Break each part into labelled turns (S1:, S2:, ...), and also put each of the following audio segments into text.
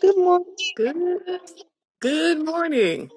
S1: Good morning.
S2: Good. Good morning.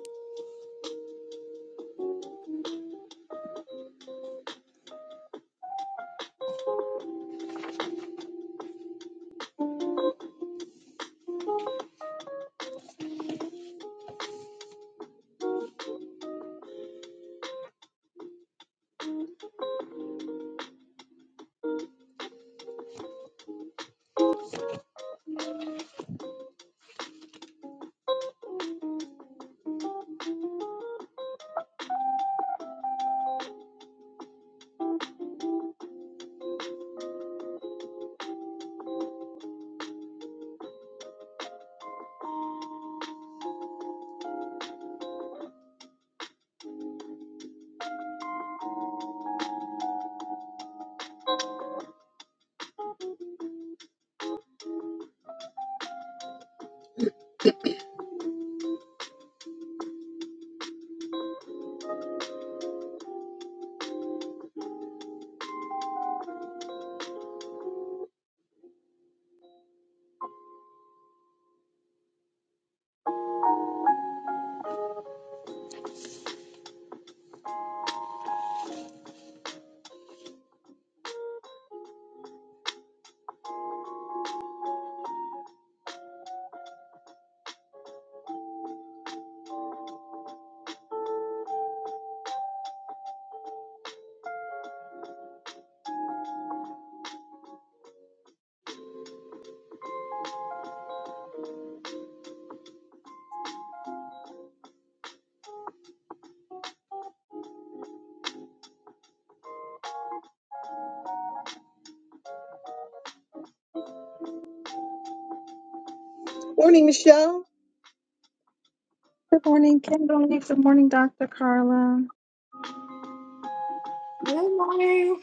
S1: Morning, Michelle.
S3: Good morning, Kimberly. Good morning, Dr. Carla.
S2: Good morning.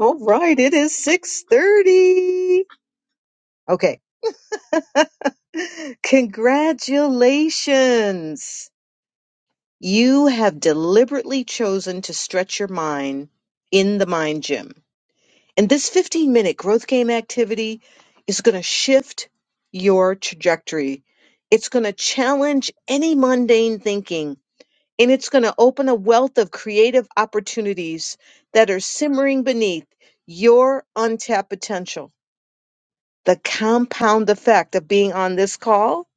S1: All right, it is 6:30. Okay. Congratulations. You have deliberately chosen to stretch your mind in the mind gym. And this 15-minute growth game activity is going to shift your trajectory. It's going to challenge any mundane thinking and it's going to open a wealth of creative opportunities that are simmering beneath your untapped potential. The compound effect of being on this call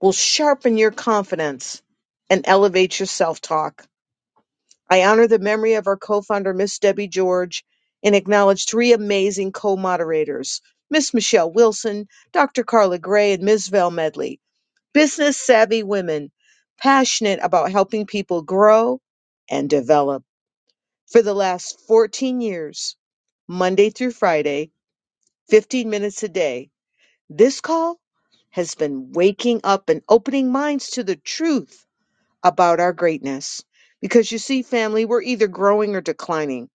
S1: will sharpen your confidence and elevate your self talk. I honor the memory of our co founder, Miss Debbie George, and acknowledge three amazing co moderators Miss Michelle Wilson, Dr. Carla Gray, and Ms. Val Medley, business savvy women passionate about helping people grow and develop. For the last 14 years, Monday through Friday, 15 minutes a day, this call has been waking up and opening minds to the truth about our greatness. Because you see, family, we're either growing or declining.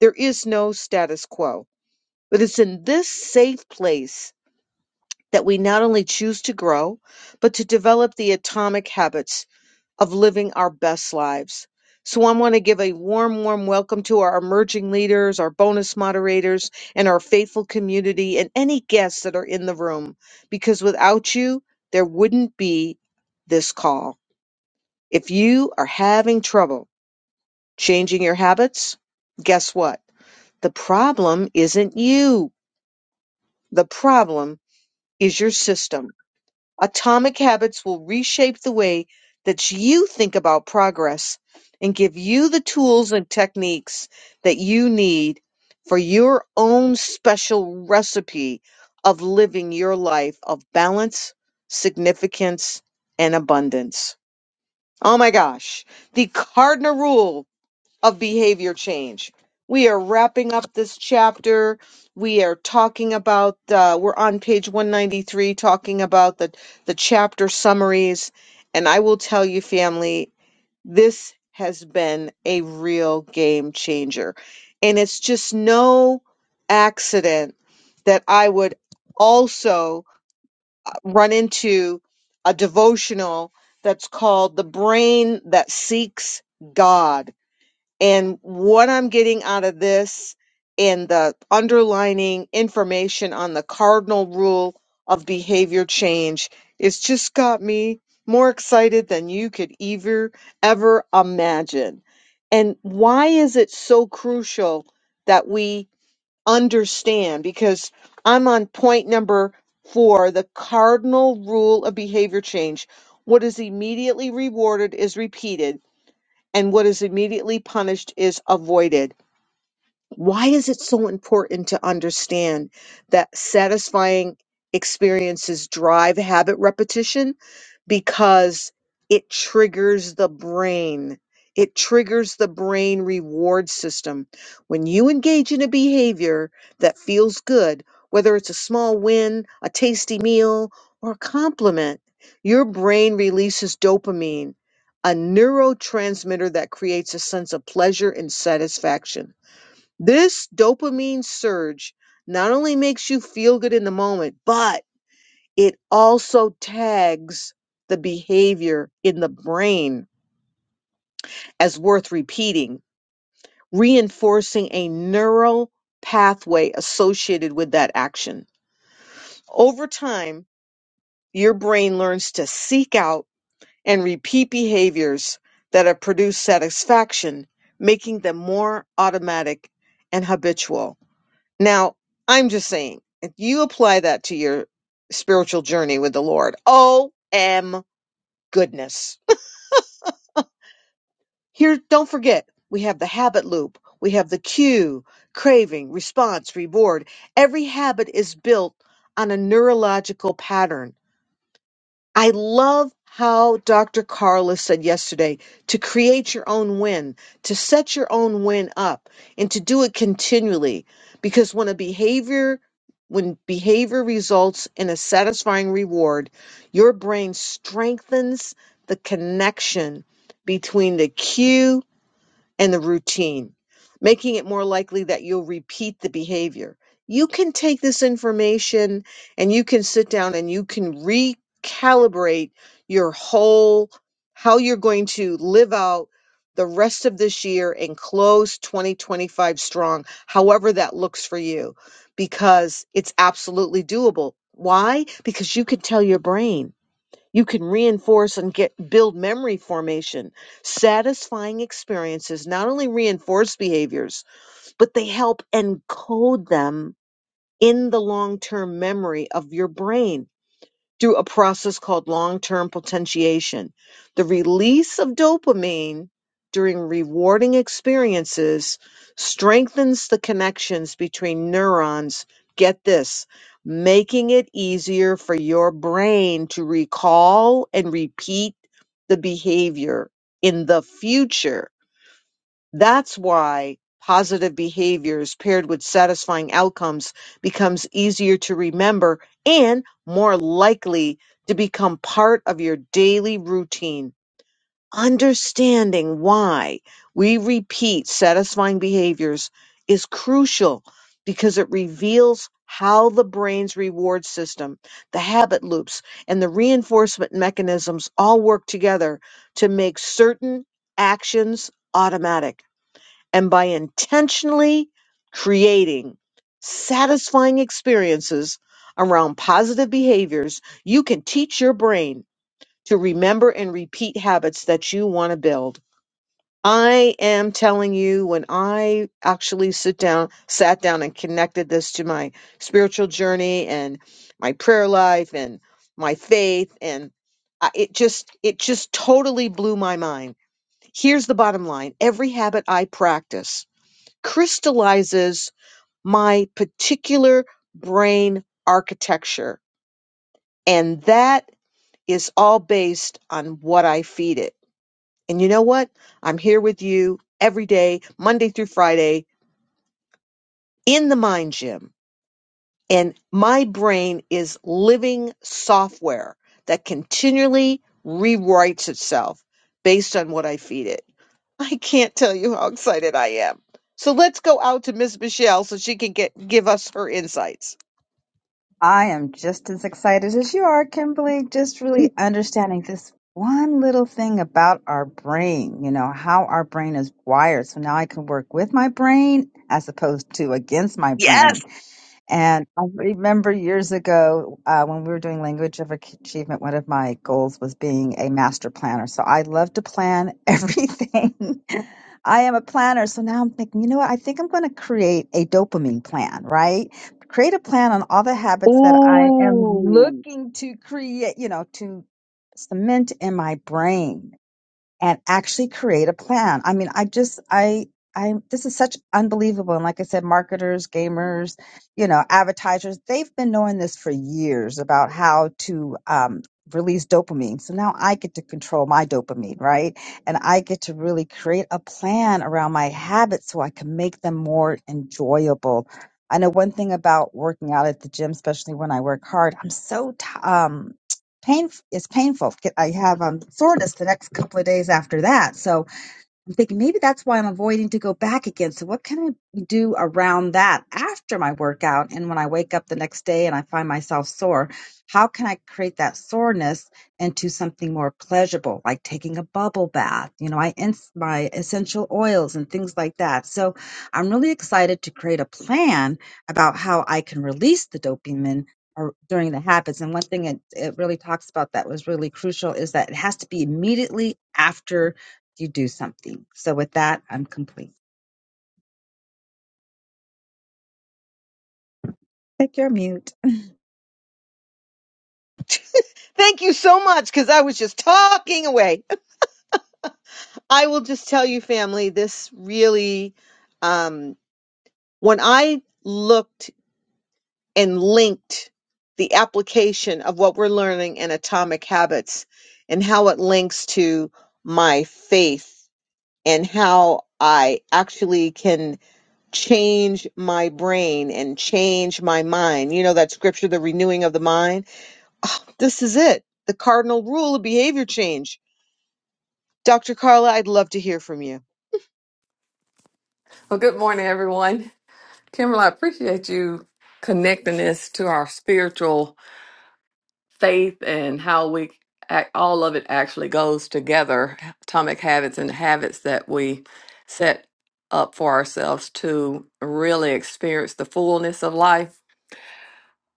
S1: There is no status quo. But it's in this safe place that we not only choose to grow, but to develop the atomic habits of living our best lives. So, I want to give a warm, warm welcome to our emerging leaders, our bonus moderators, and our faithful community, and any guests that are in the room, because without you, there wouldn't be this call. If you are having trouble changing your habits, guess what? The problem isn't you, the problem is your system. Atomic habits will reshape the way that you think about progress and give you the tools and techniques that you need for your own special recipe of living your life of balance, significance, and abundance. Oh my gosh. The cardinal rule of behavior change. We are wrapping up this chapter. We are talking about, uh, we're on page 193 talking about the, the chapter summaries. And I will tell you, family, this has been a real game changer. And it's just no accident that I would also run into a devotional that's called The Brain That Seeks God and what I'm getting out of this and the underlining information on the cardinal rule of behavior change is just got me more excited than you could ever ever imagine. And why is it so crucial that we understand? Because I'm on point number four, the cardinal rule of behavior change. What is immediately rewarded is repeated and what is immediately punished is avoided. Why is it so important to understand that satisfying experiences drive habit repetition? Because it triggers the brain. It triggers the brain reward system. When you engage in a behavior that feels good, whether it's a small win, a tasty meal, or a compliment, your brain releases dopamine, a neurotransmitter that creates a sense of pleasure and satisfaction. This dopamine surge not only makes you feel good in the moment, but it also tags the behavior in the brain as worth repeating, reinforcing a neural pathway associated with that action. Over time, your brain learns to seek out and repeat behaviors that have produced satisfaction, making them more automatic and habitual. Now, I'm just saying, if you apply that to your spiritual journey with the Lord, oh, m goodness. Here, don't forget, we have the habit loop, we have the cue, craving, response, reward. Every habit is built on a neurological pattern I love how Dr. Carla said yesterday to create your own win, to set your own win up, and to do it continually. Because when a behavior when behavior results in a satisfying reward, your brain strengthens the connection between the cue and the routine, making it more likely that you'll repeat the behavior. You can take this information and you can sit down and you can recalibrate your whole how you're going to live out the rest of this year and close 2025 strong, however that looks for you, because it's absolutely doable. Why? Because you can tell your brain you can reinforce and get build memory formation. Satisfying experiences not only reinforce behaviors, but they help encode them in the long-term memory of your brain through a process called long-term potentiation. The release of dopamine during rewarding experiences strengthens the connections between neurons. Get this, making it easier for your brain to recall and repeat the behavior in the future that's why positive behaviors paired with satisfying outcomes becomes easier to remember and more likely to become part of your daily routine. Understanding why we repeat satisfying behaviors is crucial because it reveals how the brain's reward system, the habit loops, and the reinforcement mechanisms all work together to make certain actions automatic and by intentionally creating satisfying experiences around positive behaviors, you can teach your brain to remember and repeat habits that you want to build. I am telling you, when I actually sit down, sat down and connected this to my spiritual journey and my prayer life and my faith and I, it just it just totally blew my mind. Here's the bottom line. Every habit I practice crystallizes my particular brain architecture. And that is all based on what I feed it. And you know what? I'm here with you every day, Monday through Friday, in the mind gym. And my brain is living software that continually rewrites itself based on what I feed it. I can't tell you how excited I am. So let's go out to Miss Michelle so she can get give us her insights.
S3: I am just as excited as you are, Kimberly, just really understanding this one little thing about our brain, you know, how our brain is wired. So now I can work with my brain as opposed to against my
S1: Yes.
S3: brain. And I remember years ago uh, when we were doing language of achievement, one of my goals was being a master planner. So I love to plan everything. I am a planner. So now I'm thinking, you know what? I think I'm going to create a dopamine plan, right? Create a plan on all the habits that I am
S1: Ooh.
S3: looking to create, you know, to cement in my brain and actually create a plan. I mean, I just, I, I, this is such unbelievable. And like I said, marketers, gamers, you know, advertisers, they've been knowing this for years about how to, um, release dopamine. So now I get to control my dopamine, right? And I get to really create a plan around my habits so I can make them more enjoyable. I know one thing about working out at the gym, especially when I work hard, I'm so, t- um, pain it's painful. I have um, soreness the next couple of days after that. So I'm thinking maybe that's why I'm avoiding to go back again. So what can I do around that after my workout and when I wake up the next day and I find myself sore? How can I create that soreness into something more pleasurable, like taking a bubble bath? You know, I ins my essential oils and things like that. So I'm really excited to create a plan about how I can release the dopamine or during the habits. And one thing it, it really talks about that was really crucial is that it has to be immediately after you do something. So with that, I'm complete. Take your mute.
S1: Thank you so much because I was just talking away. I will just tell you, family, this really, um, when I looked and linked the application of what we're learning in Atomic Habits and how it links to my faith and how I actually can change my brain and change my mind. You know that scripture, the renewing of the mind? Ah, This is it. The cardinal rule of behavior change. Dr. Carla, I'd love to hear from you.
S2: Well, good morning, everyone. Kimberly, I appreciate you connecting this to our spiritual faith and how we act, all of it actually goes together. Atomic habits and habits that we set up for ourselves to really experience the fullness of life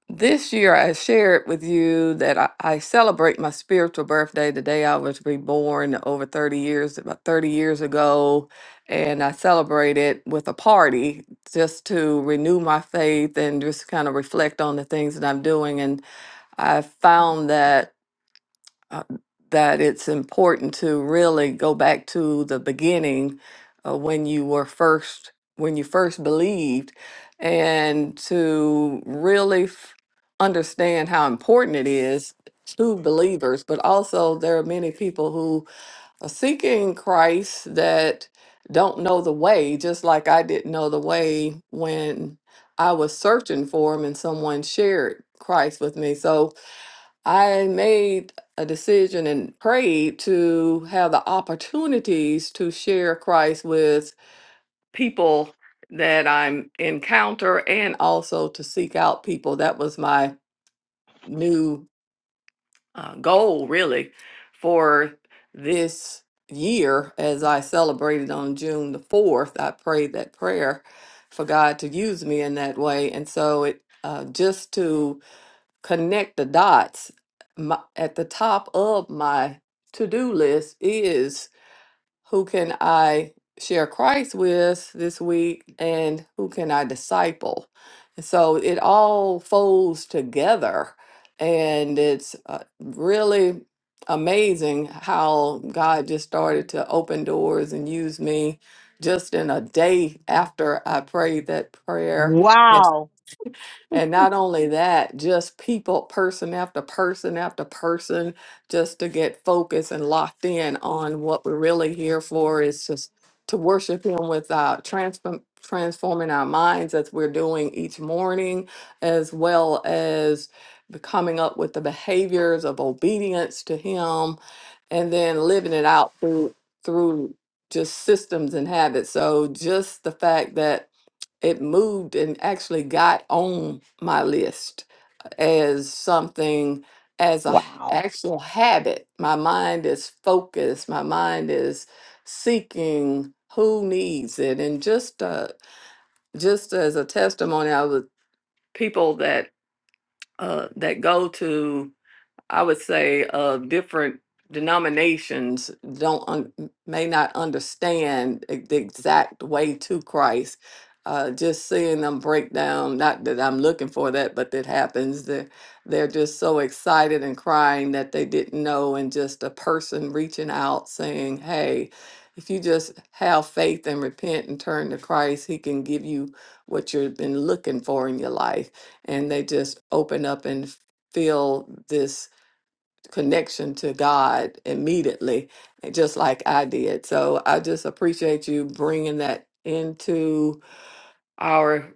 S2: This year, I shared with you that I, I celebrate my spiritual birthday the day I was reborn over 30 years, about 30 years ago. And I celebrated with a party just to renew my faith and just kind of reflect on the things that I'm doing. And I found that uh, that it's important to really go back to the beginning uh, when you were first when you first believed and to really f- understand how important it is to believers but also there are many people who are seeking christ that don't know the way just like i didn't know the way when i was searching for him and someone shared christ with me so I made a decision and prayed to have the opportunities to share Christ with people that I'm encounter and also to seek out people. That was my new uh, goal, really, for this year as I celebrated on June the 4th. I prayed that prayer for God to use me in that way. And so it uh, just to connect the dots. My, at the top of my to do list is who can I share Christ with this week and who can I disciple? And so it all folds together. And it's uh, really amazing how God just started to open doors and use me just in a day after I prayed that prayer.
S1: Wow.
S2: And not only that, just people, person after person after person, just to get focused and locked in on what we're really here for is just to worship Him without transform, transforming our minds as we're doing each morning, as well as coming up with the behaviors of obedience to Him, and then living it out through through just systems and habits. So just the fact that it moved and actually got on my list as something as a h-
S1: Wow.
S2: actual habit my mind is focused my mind is seeking who needs it and just uh just as a testimony i was people that uh that go to I would say of different denominations don't un, may not understand e- the exact way to Christ. Uh, just seeing them break down, not that I'm looking for that, but that happens. They're, they're just so excited and crying that they didn't know, and just a person reaching out saying, Hey, if you just have faith and repent and turn to Christ, He can give you what you've been looking for in your life. And they just open up and feel this connection to God immediately, just like I did. So I just appreciate you bringing that into our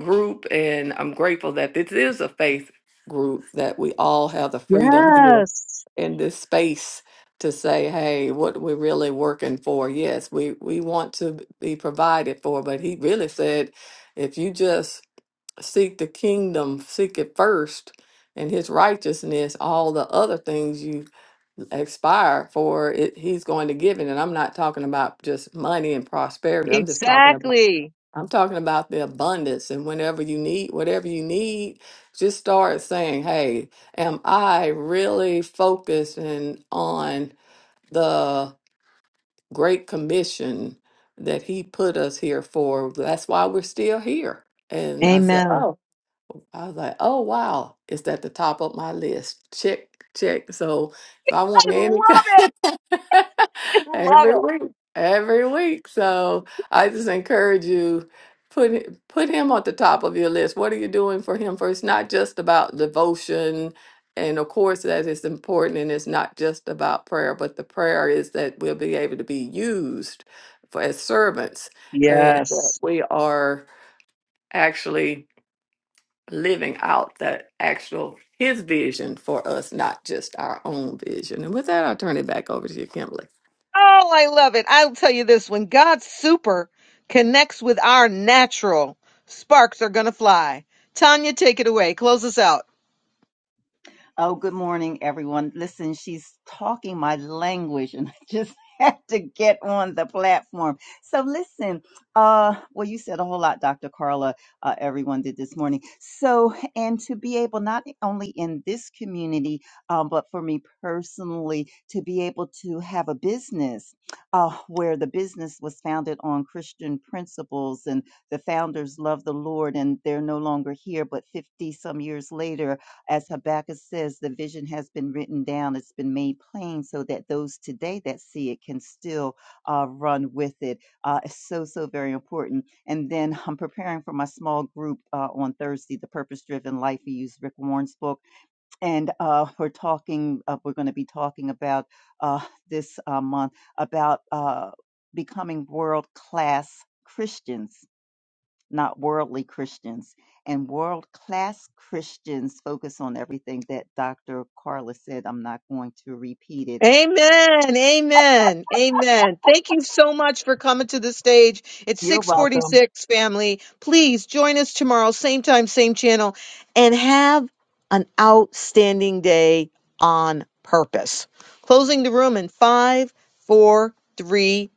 S2: group. And I'm grateful that this is a faith group, that we all have the freedom here
S1: Yes.
S2: in this space to say, hey, what we're really working for. Yes, we, we want to be provided for. But he really said, if you just seek the kingdom, seek it first and his righteousness, all the other things you expire for it he's going to give it and i'm not talking about just money and prosperity i'm just talking about
S1: Exactly.
S2: i'm talking about the abundance and whenever you need whatever you need just start saying hey am i really focusing on the great commission that he put us here for that's why we're still here and i said
S1: Amen.
S2: "Oh." I was like, oh wow, it's at the top of my list. Check, check. So if I want
S1: I
S2: any
S1: love
S2: kind
S1: it. I love
S2: every week, every week. So
S1: it.
S2: I just encourage you put it- put him at the top of your list. What are you doing for him? For it's not just about devotion, and of course that is important, and it's not just about prayer, but the prayer is that we'll be able to be used for as servants, and that
S1: Yes.
S2: we are actually living out the actual his vision for us, not just our own vision. And with that, I'll turn it back over to you, Kimberly.
S1: Oh, I love it. I'll tell you this when God's super connects with our natural, sparks are going to fly. Tanya, take it away. Close us out.
S4: Oh, good morning, everyone. Listen, she's talking my language, and I just had to get on the platform. So, listen, uh, well, you said a whole lot, Dr. Carla. Uh, everyone did this morning. So, and to be able not only in this community, um, but for me personally, to be able to have a business uh, where the business was founded on Christian principles and the founders love the Lord and they're no longer here, but 50 some years later, as Habakkuk says, the vision has been written down, it's been made plain so that those today that see it can still uh, run with it. Uh, it's so, so very important. And then I'm preparing for my small group uh, on Thursday, The Purpose Driven Life. We use Rick Warren's book. And uh, we're talking, uh, we're going to be talking about uh, this uh, month about uh, becoming world class Christians not worldly Christians. And world class Christians focus on everything that Dr. Carla said. I'm not going to repeat it.
S1: Amen. Amen. Amen. Thank you so much for coming to the stage. It's
S4: You're welcome.
S1: 646 family. Please join us tomorrow, same time, same channel, and have an outstanding day on purpose. Closing the room in five, four, three,